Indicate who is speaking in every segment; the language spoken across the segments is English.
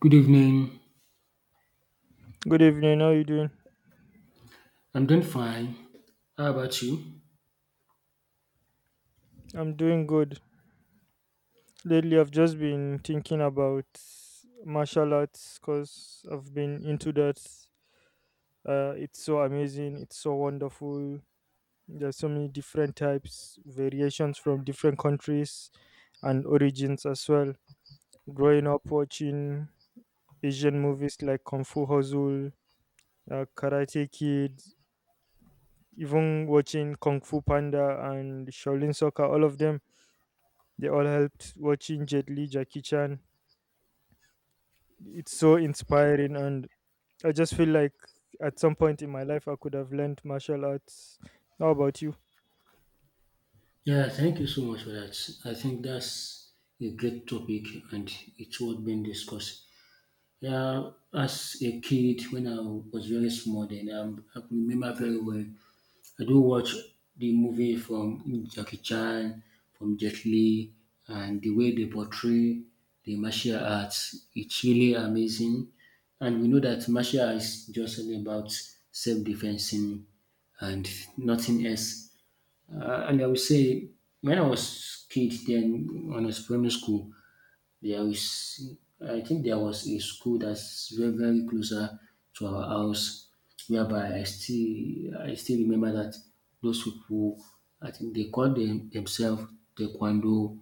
Speaker 1: Good evening.
Speaker 2: Good evening. How you doing?
Speaker 1: I'm doing fine. How about you?
Speaker 2: I'm doing good. Lately, I've just been thinking about martial arts because I've been into that. It's so amazing. It's so wonderful. There's so many different types, variations from different countries and origins as well. Growing up watching Asian movies like Kung Fu Hustle, Karate Kid, even watching Kung Fu Panda and Shaolin Soccer, all of them they all helped watching Jet Li, Jackie Chan. It's so inspiring, and I just feel like at some point in my life I could have learned martial arts. How about you?
Speaker 1: Yeah, thank you so much for that. I think that's a great topic and it's worth being discussed. Yeah, as a kid, when I was very small, then I remember very well I do watch the movie from Jackie Chan, from Jet Li, and the way they portray the martial arts, it's really amazing. And we know that martial arts is just only about self-defensing and nothing else. And I would say when I was kid, then when I was primary school, there is, I think there was a school that's very, very closer to our house, whereby I still remember that those people, I think they call themselves Taekwondo,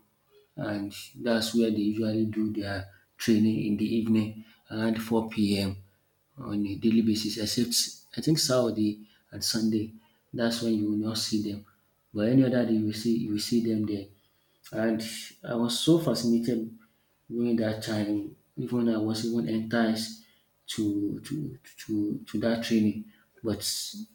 Speaker 1: and that's where they usually do their training in the evening around 4 p.m. on a daily basis, except I think Saturday and Sunday. That's when you will not see them. But any other day you will see them there. And I was so fascinated during that time, even I was even enticed to that training, but it's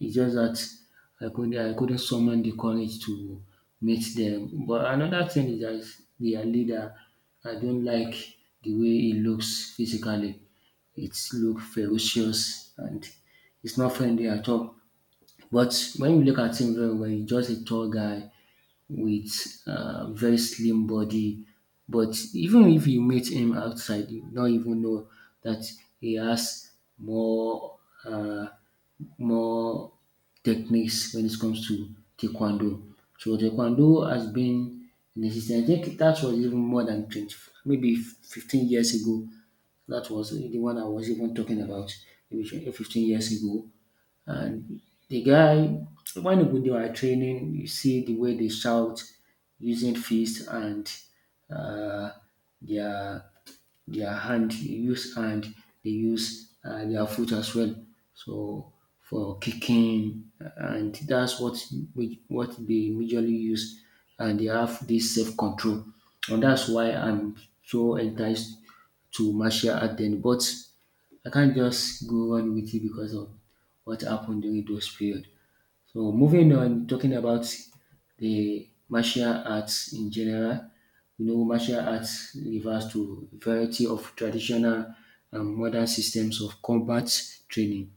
Speaker 1: just that I couldn't summon the courage to meet them. But another thing is that their leader, I don't like the way he looks physically. It look ferocious and it's not friendly at all. But when you look at him very well, he's just a tall guy with very slim body. But even if you meet him outside, you don't even know that he has more uh, more techniques when it comes to taekwondo. So taekwondo has been in existence. I think that was even more than 20, maybe 15 years ago. That was the one I was even talking about maybe 15 years ago. And the guy, when you go do training, you see the way they shout using fist and uh, their their hand. They use hand. They use their foot as well. So for kicking, and that's what we what they majorly use, and they have this self control, and that's why I'm so enticed to martial art. Then, but I can't just go on with it because of what happened during those period. So moving on, talking about the martial arts in general, you know, martial arts refers to a variety of traditional and modern systems of combat training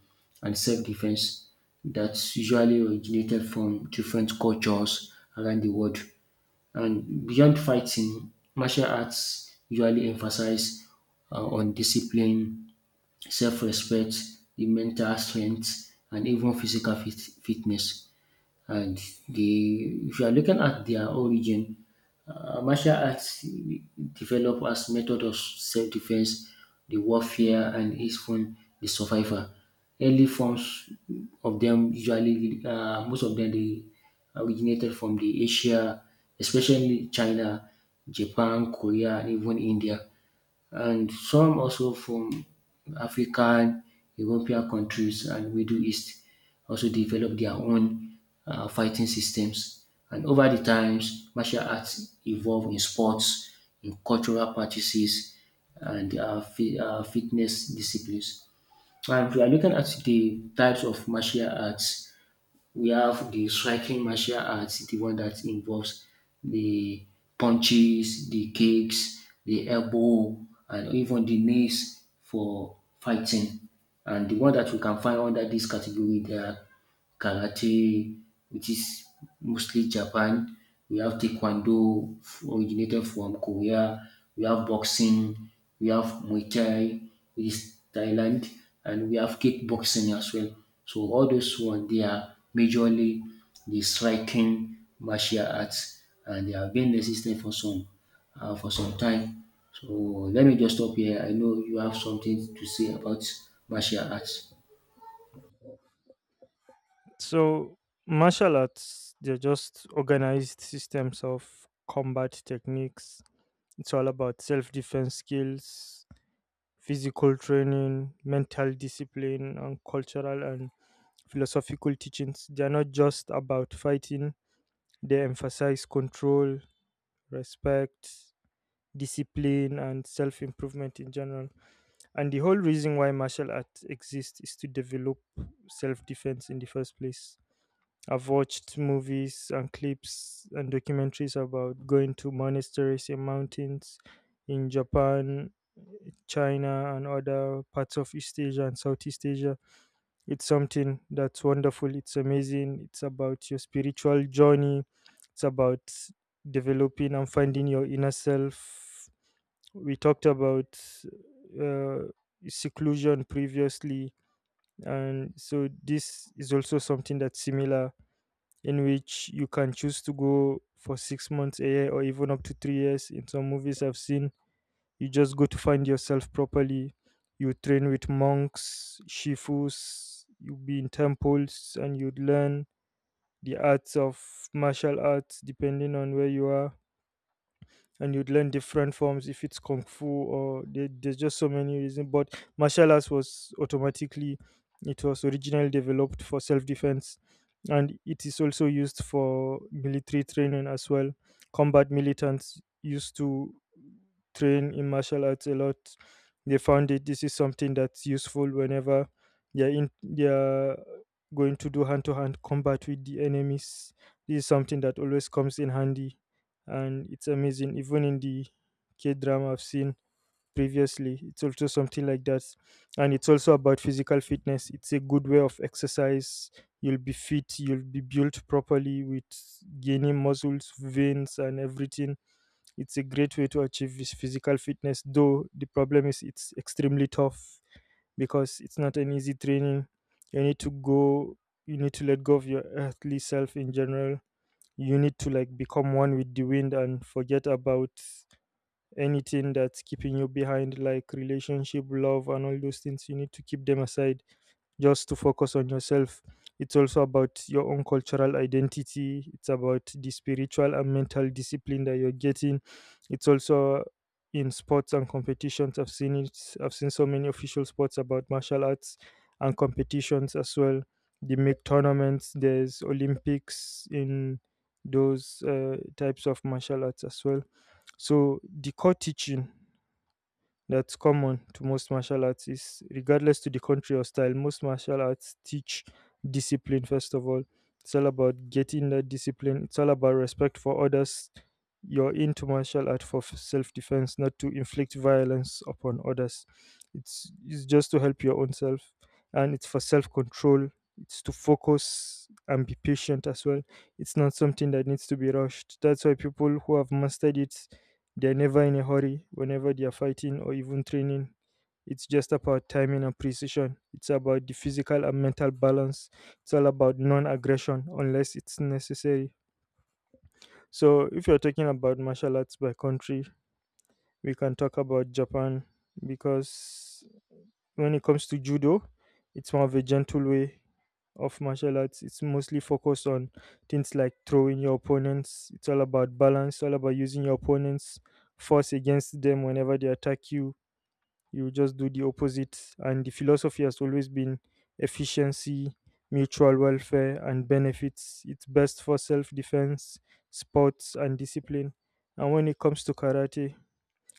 Speaker 1: and self-defense that usually originated from different cultures around the world. And beyond fighting, martial arts usually emphasize on discipline, self-respect, the mental strength, and even physical fitness. And the if you are looking at their origin, martial arts developed as method of self-defense, the warfare, and is from the survivor. Early forms of them usually, most of them, they originated from the Asia, especially China, Japan, Korea, and even India and some also from African, European countries and Middle East also developed their own fighting systems. And over the times, martial arts evolved in sports, in cultural practices, and fitness disciplines. And we are looking at the types of martial arts, we have the striking martial arts, the one that involves the punches, the kicks, the elbow, and even the knees for fighting. And the one that we can find under this category, there are karate, which is mostly Japan. We have taekwondo, originated from Korea. We have boxing. We have Muay Thai is Thailand, and we have kickboxing as well. So all those ones they are majorly the striking martial arts, and they have been existing for some time. So let me just stop here. I know you have something to say about martial arts.
Speaker 2: So martial arts, they're just organized systems of combat techniques. It's all about self-defense skills, physical training, mental discipline, and cultural and philosophical teachings. They're not just about fighting. They emphasize control, respect, discipline, and self-improvement in general. And the whole reason why martial arts exist is to develop self defense in the first place. I've watched movies and clips and documentaries about going to monasteries in mountains in Japan, China, and other parts of East Asia and Southeast Asia. It's something that's wonderful, it's amazing, it's about your spiritual journey, it's about developing and finding your inner self. We talked about uh, seclusion previously, and so this is also something that's similar, in which you can choose to go for 6 months a year or even up to 3 years in some movies I've seen. You just go to find yourself properly. You train with monks, shifus, you be in temples, and you'd learn the arts of martial arts depending on where you are. And you'd learn different forms, if it's kung fu or there's just so many reasons. But martial arts was automatically, it was originally developed for self-defense, and it is also used for military training as well. Combat militants used to train in martial arts a lot. They found it, this is something that's useful whenever they're going to do hand-to-hand combat with the enemies. This is something that always comes in handy, and it's amazing. Even in the K drama I've seen previously, it's also something like that. And it's also about physical fitness. It's a good way of exercise. You'll be fit, you'll be built properly with gaining muscles, veins, and everything. It's a great way to achieve this physical fitness, though the problem is it's extremely tough because it's not an easy training. You need to go, you need to let go of your earthly self in general. You need to, like, become one with the wind and forget about anything that's keeping you behind, like relationship, love, and all those things. You need to keep them aside just to focus on yourself. It's also about your own cultural identity. It's about the spiritual and mental discipline that you're getting. It's also in sports and competitions. I've seen it. I've seen so many official sports about martial arts and competitions as well. They make tournaments. There's Olympics in those types of martial arts as well. So the core teaching that's common to most martial artists, regardless to the country or style. Most martial arts teach discipline first of all. It's all about getting that discipline. It's all about respect for others. You're into martial art for self defense, not to inflict violence upon others. It's just to help your own self, and it's for self control. It's to focus and be patient as well. It's not something that needs to be rushed. That's why people who have mastered it, they're never in a hurry whenever they're fighting or even training. It's just about timing and precision. It's about the physical and mental balance. It's all about non aggression unless it's necessary. So, if you're talking about martial arts by country, we can talk about Japan, because when it comes to judo, it's more of a gentle way of martial arts. It's mostly focused on things like throwing your opponents. It's all about balance, all about using your opponents' force against them whenever they attack you. You just do the opposite. And the philosophy has always been efficiency, mutual welfare, and benefits. It's best for self defense, sports, and discipline. And when it comes to karate,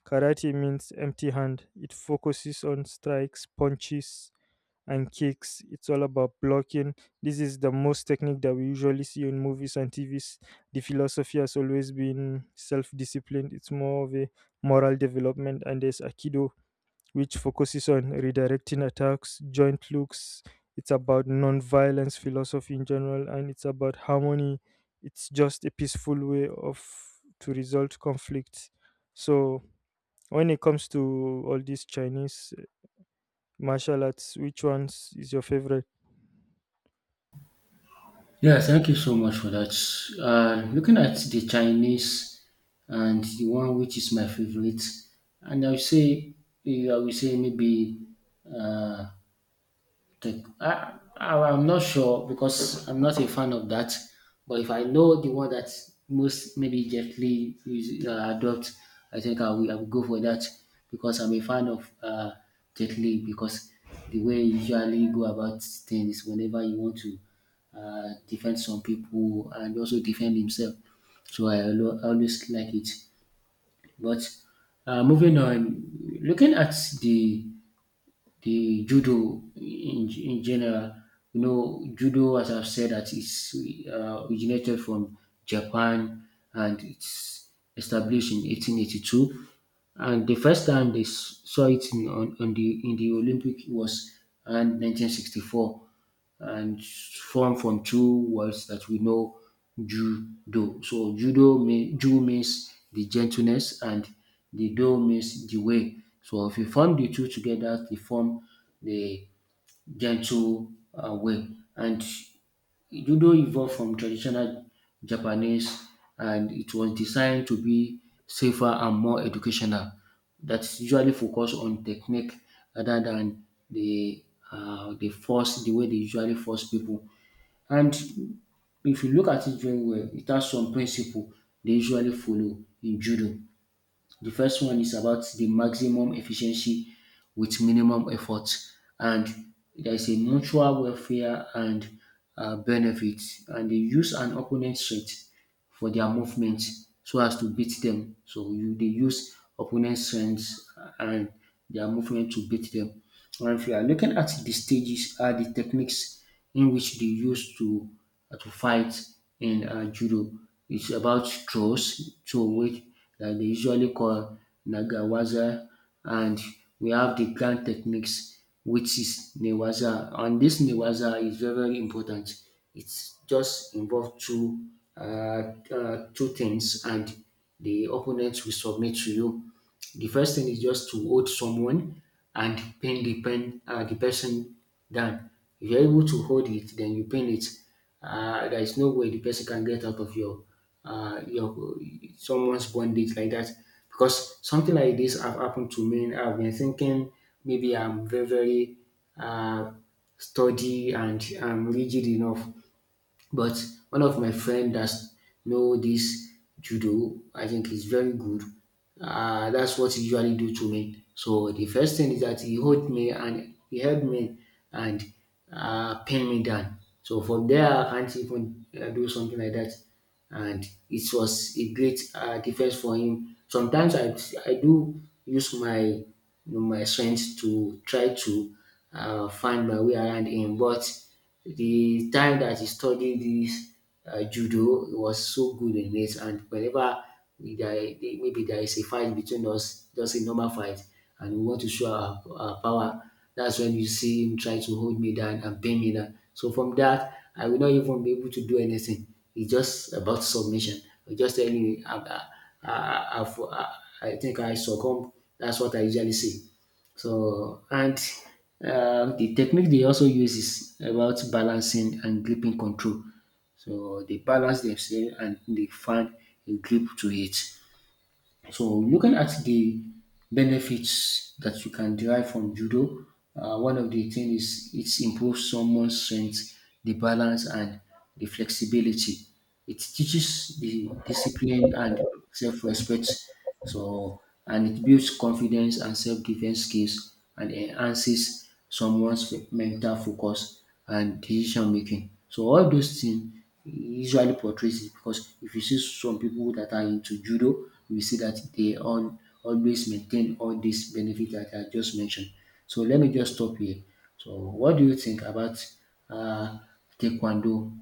Speaker 2: karate means empty hand. It focuses on strikes, punches, and kicks. It's all about blocking. This is the most technique that we usually see in movies and TVs. The philosophy has always been self disciplined, it's more of a moral development. And there's Aikido, which focuses on redirecting attacks, joint looks. It's about non violence philosophy in general, and it's about harmony. It's just a peaceful way of to resolve conflict. So, when it comes to all these Chinese martial arts, which ones is your favorite?
Speaker 1: Yeah, thank you so much for that. Looking at the Chinese and the one which is my favorite, and I will say, maybe uh, Take I I'm not sure because I'm not a fan of that. But if I know the one that most maybe gently is, adopt, I think I will go for that because I'm a fan of Jet Li because the way you usually go about things whenever you want to defend some people and also defend himself. So I always like it. But moving on, looking at the the judo in general. You know, judo, as I've said, that is originated from Japan and it's established in 1882. And the first time they saw it in the Olympic was around 1964 and formed from two words that we know judo. So ju means the gentleness and the do means the way. So if you form the two together, they form the gentle way. And judo evolved from traditional Japanese and it was designed to be safer and more educational. That's usually focused on technique rather than the the force the way they usually force people. And if you look at it very well, it has some principle they usually follow in judo. The first one is about the maximum efficiency with minimum effort, and there is a mutual welfare and benefit, and they use an opponent's strength for their movement so as to beat them. So you they use opponent's strength and their movement to beat them. And if you are looking at the stages, are the techniques in which they used to fight in judo. It's about throws, to which that they usually call nagawaza, and we have the grand techniques, which is newaza, and this newaza is very very important. It's just involve uh, two things, and the opponent will submit to you. The first thing is just to hold someone and pin the person down. If you're able to hold it, then you pin it. There is no way the person can get out of your someone's bondage like that. Because something like this have happened to me. I've been thinking maybe I'm very very uh, sturdy and I'm rigid enough. But one of my friend that know this judo, I think is very good. That's what he usually do to me. So the first thing is that he hold me and he held me and pin me down. So from there, I can't even do something like that. And it was a great defense for him. Sometimes I do use my strength to try to find my way around him, but the time that he studied this judo, he was so good in it. And whenever we, there, maybe there is a fight between us, just a normal fight, and we want to show our power, that's when you see him try to hold me down and pin me down. So from that, I will not even be able to do anything. It's just about submission. I just telling you, I, I, I, I think I succumb. That's what I usually say. So and the technique they also use is about balancing and gripping control. So they balance themselves and they find a grip to it. So looking at the benefits that you can derive from judo, one of the things is it improves someone's strength, the balance and the flexibility. It teaches the discipline and self-respect so, and it builds confidence and self-defense skills and enhances someone's mental focus and decision making. So all those things usually portrays it because if you see some people that are into judo, you will see that they all always maintain all these benefits that I just mentioned. So let me just stop here. So what do you think about uh, taekwondo?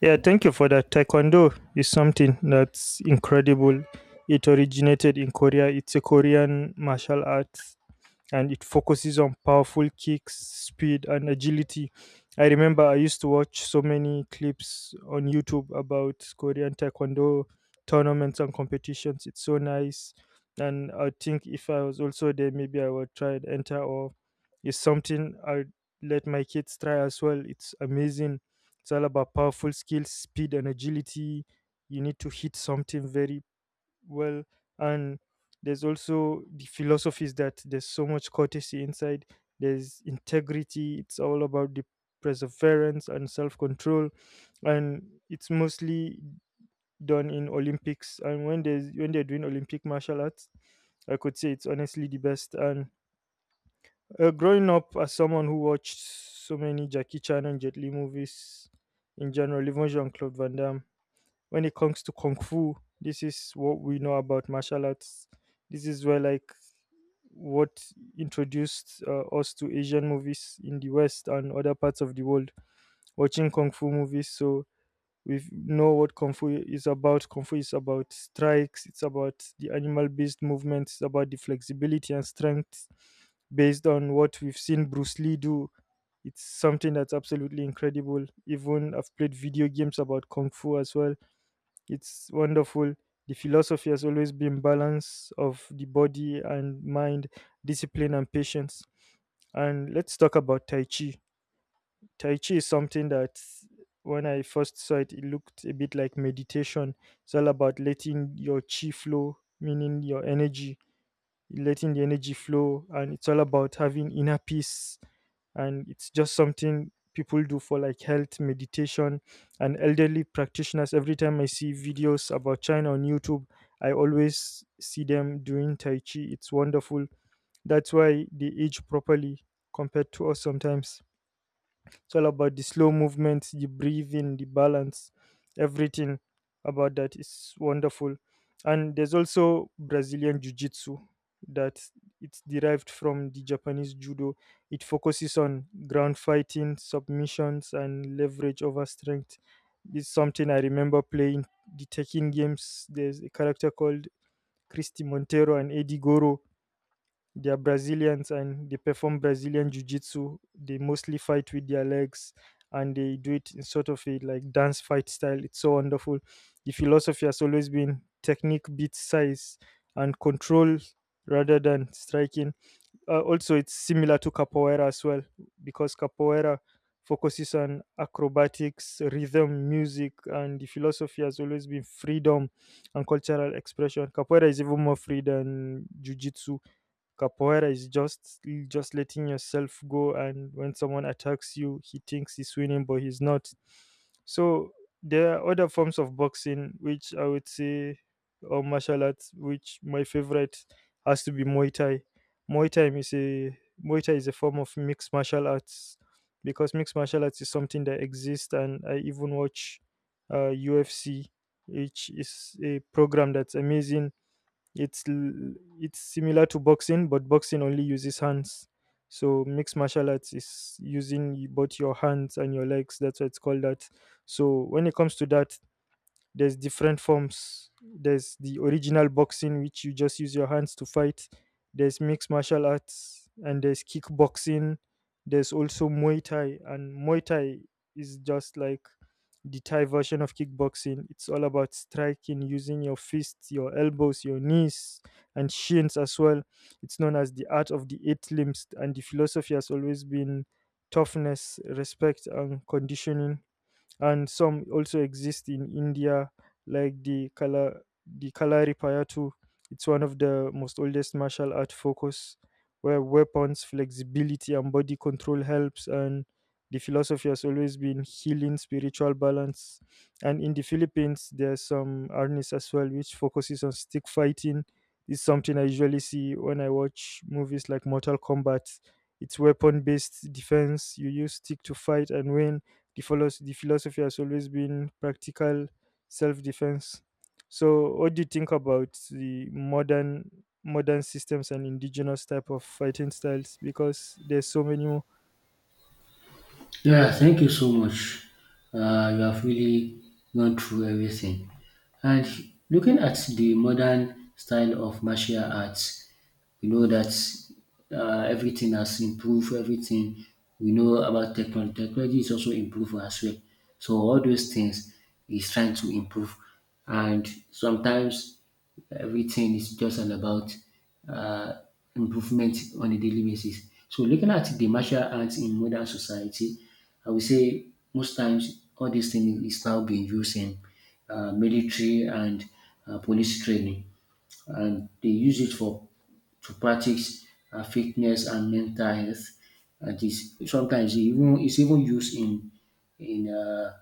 Speaker 2: Yeah, thank you for that. Taekwondo is something that's incredible. It originated in Korea. It's a Korean martial art and it focuses on powerful kicks, speed, and agility. I remember I used to watch so many clips on YouTube about Korean Taekwondo tournaments and competitions. It's so nice. And I think if I was also there, maybe I would try and enter, or it's something I'd let my kids try as well. It's amazing. It's all about powerful skills, speed, and agility. You need to hit something very well, and there's also the philosophies that there's so much courtesy inside. There's integrity. It's all about the perseverance and self-control, and it's mostly done in Olympics. And when there's when they're doing Olympic martial arts, I could say it's honestly the best. And growing up as someone who watched so many Jackie Chan and Jet Li movies in general, even Jean-Claude Van Damme. When it comes to kung fu, this is what we know about martial arts. This is where, like, what introduced us to Asian movies in the West and other parts of the world, watching kung fu movies. So we know what kung fu is about. Kung fu is about strikes, it's about the animal based movements, it's about the flexibility and strength based on what we've seen Bruce Lee do. It's something that's absolutely incredible. Even I've played video games about kung fu as well. It's wonderful. The philosophy has always been balance of the body and mind, discipline and patience. And let's talk about Tai Chi. Tai Chi is something that when I first saw it, it looked a bit like meditation. It's all about letting your chi flow, meaning your energy, letting the energy flow, and it's all about having inner peace, and it's just something people do for like health, meditation, and elderly practitioners. Every time I see videos about China on YouTube, I always see them doing Tai Chi. It's wonderful. That's why they age properly compared to us sometimes. It's all about the slow movements, the breathing, the balance, everything about that is wonderful. And there's also Brazilian Jiu Jitsu that it's derived from the Japanese judo. It focuses on ground fighting, submissions, and leverage over strength. It's something I remember playing the Tekken games. There's a character called Christy Montero and Eddie Goro, they are Brazilians and they perform Brazilian Jiu Jitsu. They mostly fight with their legs, and they do it in sort of a like dance fight style. It's so wonderful. The philosophy has always been technique beats size and control rather than striking. Also, it's similar to capoeira as well, because capoeira focuses on acrobatics, rhythm, music, and the philosophy has always been freedom and cultural expression. Capoeira is even more free than Jiu-Jitsu. Capoeira is just letting yourself go, and when someone attacks you, he thinks he's winning, but he's not. So there are other forms of boxing, which I would say, or martial arts, which my favorite has to be Muay Thai. Muay Thai is a Muay Thai is a form of mixed martial arts, because mixed martial arts is something that exists, and I even watch UFC, which is a program that's amazing. It's similar to boxing, but boxing only uses hands. So mixed martial arts is using both your hands and your legs. That's why it's called that. So when it comes to that, there's different forms. There's the original boxing which you just use your hands to fight, there's mixed martial arts, and there's kickboxing. There's also Muay Thai, and Muay Thai is just like the Thai version of kickboxing. It's all about striking using your fists, your elbows, your knees, and shins as well. It's known as the art of the eight limbs, and the philosophy has always been toughness, respect, and conditioning. And some also exist in India, like the Kalari Payattu. It's one of the most oldest martial art focus where weapons, flexibility, and body control helps. And the philosophy has always been healing, spiritual balance. And in the Philippines, there's some arnis as well, which focuses on stick fighting. It's something I usually see when I watch movies like Mortal Kombat. It's weapon based defense. You use stick to fight and win the philosophy has always been practical self defense. So, what do you think about the modern systems and indigenous type of fighting styles? Because there's so many more.
Speaker 1: Yeah, thank you so much. You have really gone through everything. And looking at the modern style of martial arts, we know that everything has improved, everything we know about technology. Technology is also improved as well. So all those things is trying to improve and sometimes everything is just all about um improvement on a daily basis. So looking at the martial arts in modern society, I would say most times all these things is now being used in military and police training and they use it for to practice fitness and mental health. And sometimes it's even used in uh,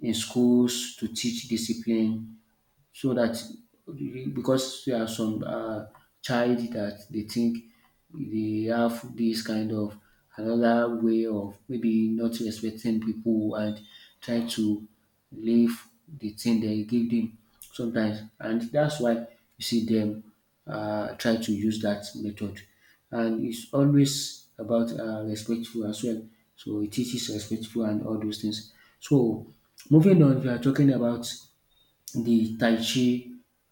Speaker 1: in schools to teach discipline so that because there are some child that they think they have this kind of another way of maybe not respecting people and try to live the thing they give them sometimes and that's why you see them try to use that method and it's always about respectful as well so it teaches respectful and all those things so moving on we are talking about the Tai Chi.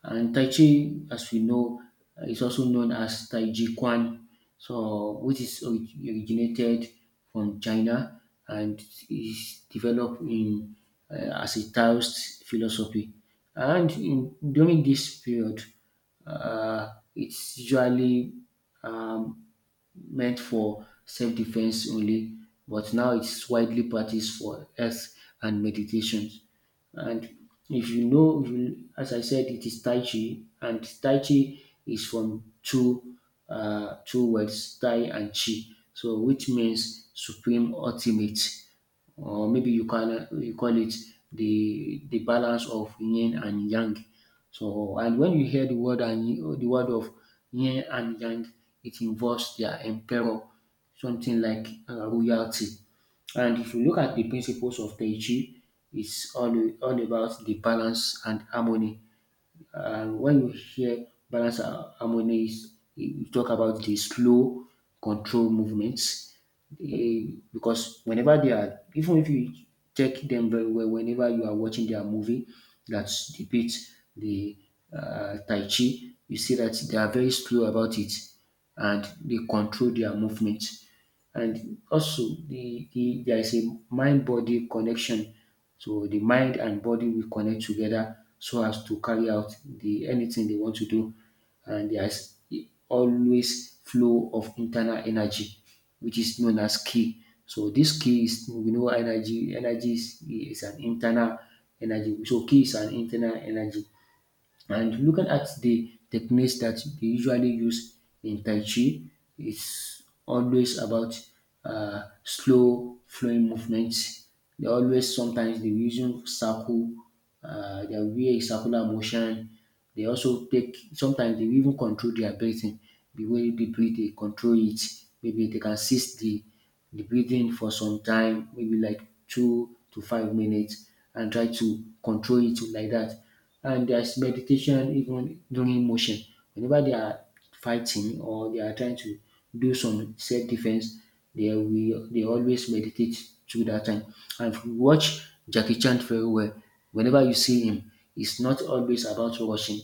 Speaker 1: And Tai Chi, as we know, is also known as Tai Chi Quan, so which is originated from China and is developed in as a Taoist philosophy. And during this period, it's usually um, meant for self-defense only, but now it's widely practiced for health and meditations. And if you, as I said, it is Tai Chi, and Tai Chi is from two words, Tai and Chi, so which means supreme, ultimate, or maybe you call it the balance of Yin and Yang. So, and when you hear the word and the word of Yin and Yang, it involves their emperor, something like royalty. And if you look at the principles of Tai Chi, it's all, all about the balance and harmony. When you hear balance and harmony, you talk about the slow, control movements. Eh, because whenever they are, even if you take them very well, whenever you are watching their movie that depicts the Tai Chi, you see that they are very slow about it and they control their movement. And also there is a mind body connection. So the mind and body will connect together so as to carry out the anything they want to do. And there is always flow of internal energy, which is known as ki. So this ki is we know energy. Energy is an internal energy. So ki is an internal energy. And looking at the techniques that they usually use in Tai Chi, it's always about slow flowing movements. They always sometimes they using circle, they wear a circular motion. They also take sometimes they even control their breathing. The way they breathe, they control it. Maybe they can cease the breathing for some time, maybe like 2 to 5 minutes, and try to control it like that and there's meditation even during motion. Whenever they are fighting or they are trying to do some self-defense, they always meditate through that time. And if you watch Jackie Chan very well, whenever you see him, it's not always about rushing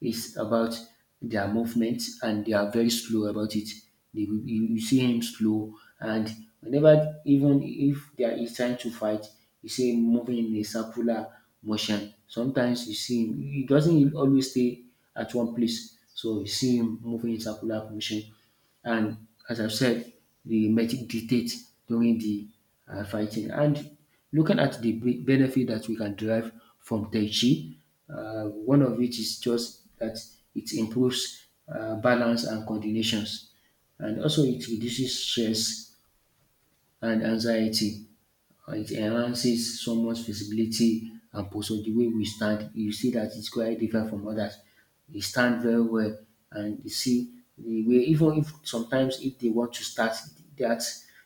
Speaker 1: is about their movement and they are very slow about it. You see him slow, and whenever, even if they are, he's trying to fight, you see him moving in a circular motion. Sometimes you see him, he doesn't always stay at one place, so you see him moving in circular motion and as I've said, the medic dictates during the fighting. And looking at the benefit that we can derive from Tai Chi, one of it is just that it improves balance and coordinations, and also it reduces stress and anxiety. It enhances someone's visibility and posture. The way we stand, you see that it's quite different from others. We stand very well, and you see the way. Even if sometimes if they want to start that,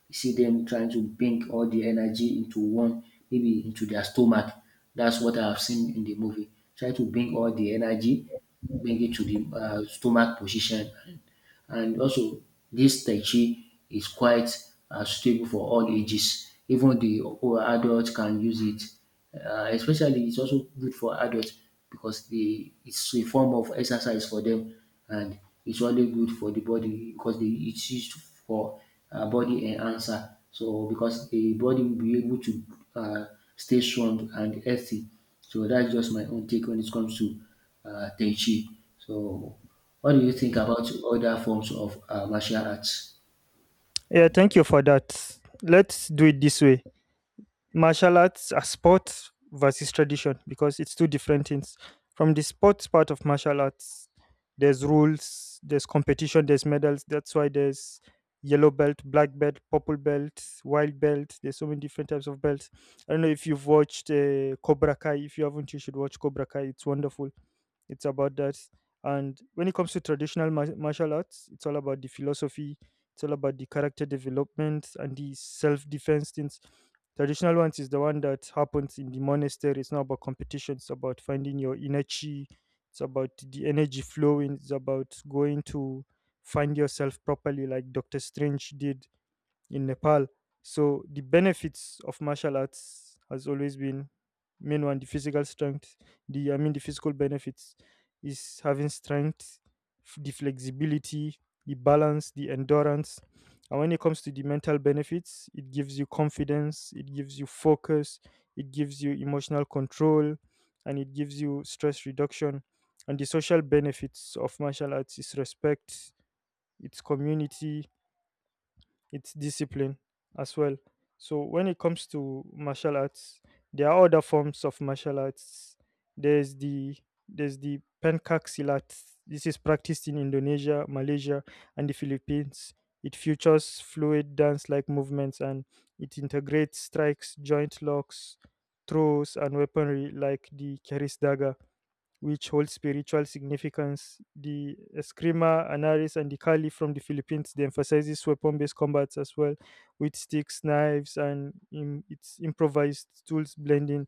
Speaker 1: you see them trying to bring all the energy into one, maybe into their stomach. That's what I've seen in the movie. Try to bring all the energy, bring it to the stomach position, and also this Tai Chi is quite suitable for all ages, even the adult can use it, especially it's also good for adults because the it's a form of exercise for them, and it's only good for the body because the it's used for body enhancer, so because the body will be able to um stay strong and healthy. So that's just my own take when it comes to Tai Chi. So what do you think about other forms of martial arts?
Speaker 2: Yeah, thank you for that. Let's do it this way. Martial arts are sport versus tradition because it's two different things. From the sports part of martial arts, there's rules, there's competition, there's medals. That's why there's yellow belt, black belt, purple belt, white belt. There's so many different types of belts. I don't know if you've watched Cobra Kai. If you haven't, you should watch Cobra Kai. It's wonderful. It's about that. And when it comes to traditional martial arts, it's all about the philosophy. It's all about the character development and the self defense things. Traditional ones is the one that happens in the monastery. It's not about competition. It's about finding your inner chi. It's about the energy flowing. It's about going to find yourself properly, like Doctor Strange did in Nepal. So the benefits of martial arts has always been main one the physical strength. The I mean the physical benefits is having strength, the flexibility, the balance, the endurance. And when it comes to the mental benefits, it gives you confidence, it gives you focus, it gives you emotional control, and it gives you stress reduction. And the social benefits of martial arts is respect, its community, it's discipline as well. So when it comes to martial arts, there are other forms of martial arts. There's the there's the pencak silat. This is practiced in Indonesia, Malaysia, and the Philippines. It features fluid dance-like movements, and it integrates strikes, joint locks, throws, and weaponry like the keris dagger, which hold spiritual significance. The Eskrima, Anaris, and the Kali from the Philippines, they emphasizes weapon-based combats as well, with sticks, knives, and its improvised tools blending.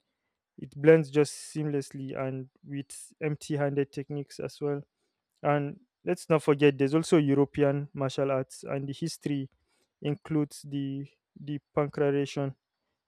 Speaker 2: It blends just seamlessly and with empty-handed techniques as well. And let's not forget, there's also European martial arts, and the history includes the pancreation.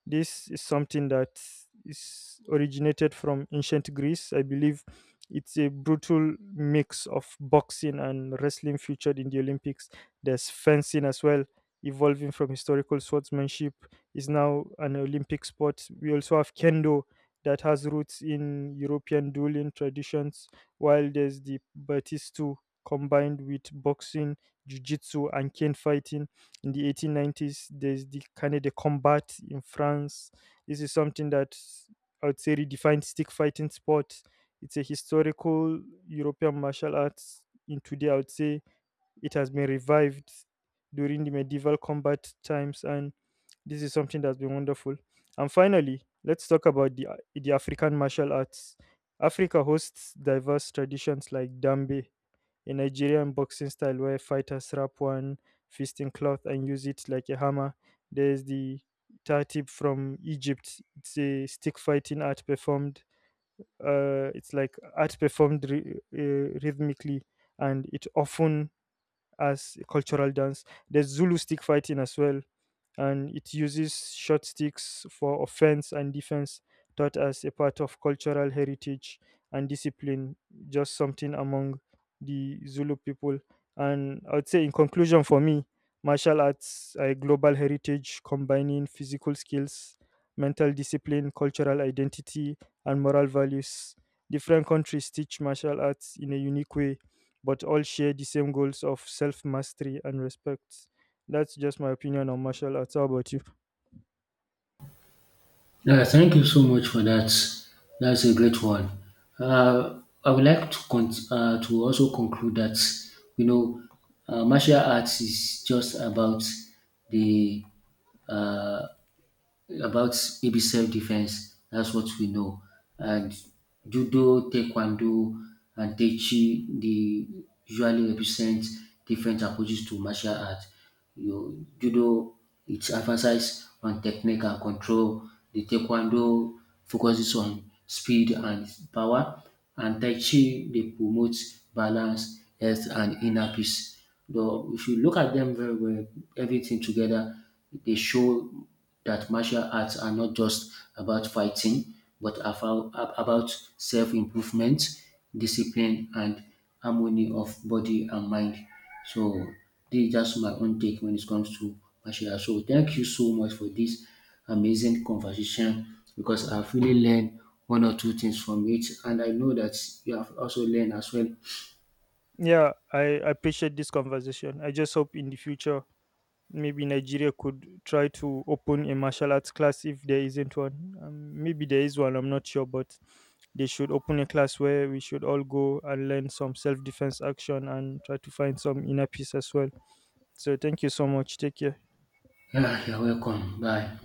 Speaker 2: This is something that is originated from ancient Greece. I believe it's a brutal mix of boxing and wrestling featured in the Olympics. There's fencing as well, evolving from historical swordsmanship, is now an Olympic sport. We also have kendo that has roots in European dueling traditions, while there's the Batistu combined with boxing, jiu-jitsu, and cane fighting in the 1890s. There's the kind of the combat in France. This is something that I would say redefines stick fighting sport. It's a historical European martial arts. In today, I would say it has been revived during the medieval combat times, and this is something that's been wonderful. And finally, let's talk about the African martial arts. Africa hosts diverse traditions like dambe, a Nigerian boxing style where fighters wrap one fist in cloth and use it like a hammer. There's the tartib from Egypt. It's a stick fighting art performed. It's like art performed rhythmically, and it often as a cultural dance. There's Zulu stick fighting as well, and it uses short sticks for offense and defense, taught as a part of cultural heritage and discipline, just something among the Zulu people. And I would say, in conclusion, for me, martial arts are a global heritage combining physical skills, mental discipline, cultural identity, and moral values. Different countries teach martial arts in a unique way, but all share the same goals of self mastery and respect. That's just my opinion on martial arts. How about you?
Speaker 1: Yeah, thank you so much for that. That's a great one. I would like to to also conclude that you know martial arts is just about the uh, about maybe self defense. That's what we know. And judo, taekwondo, and tai chi, they usually represent different approaches to martial art. You judo, it emphasizes on technique and control. The taekwondo focuses on speed and power, and tai chi they promote balance, health, and inner peace. Though if you look at them very well, everything together, they show that martial arts are not just about fighting, but about self improvement, discipline, and harmony of body and mind. So, this is just my own take when it comes to martial arts. So, thank you so much for this amazing conversation because I've really learned one or two things from it, and I know that you have also learned as well.
Speaker 2: Yeah, I appreciate this conversation. I just hope in the future, maybe Nigeria could try to open a martial arts class if there isn't one. Maybe there is one, I'm not sure, but they should open a class where we should all go and learn some self defense action and try to find some inner peace as well. So thank you so much. Take care.
Speaker 1: Yeah, you're welcome. Bye.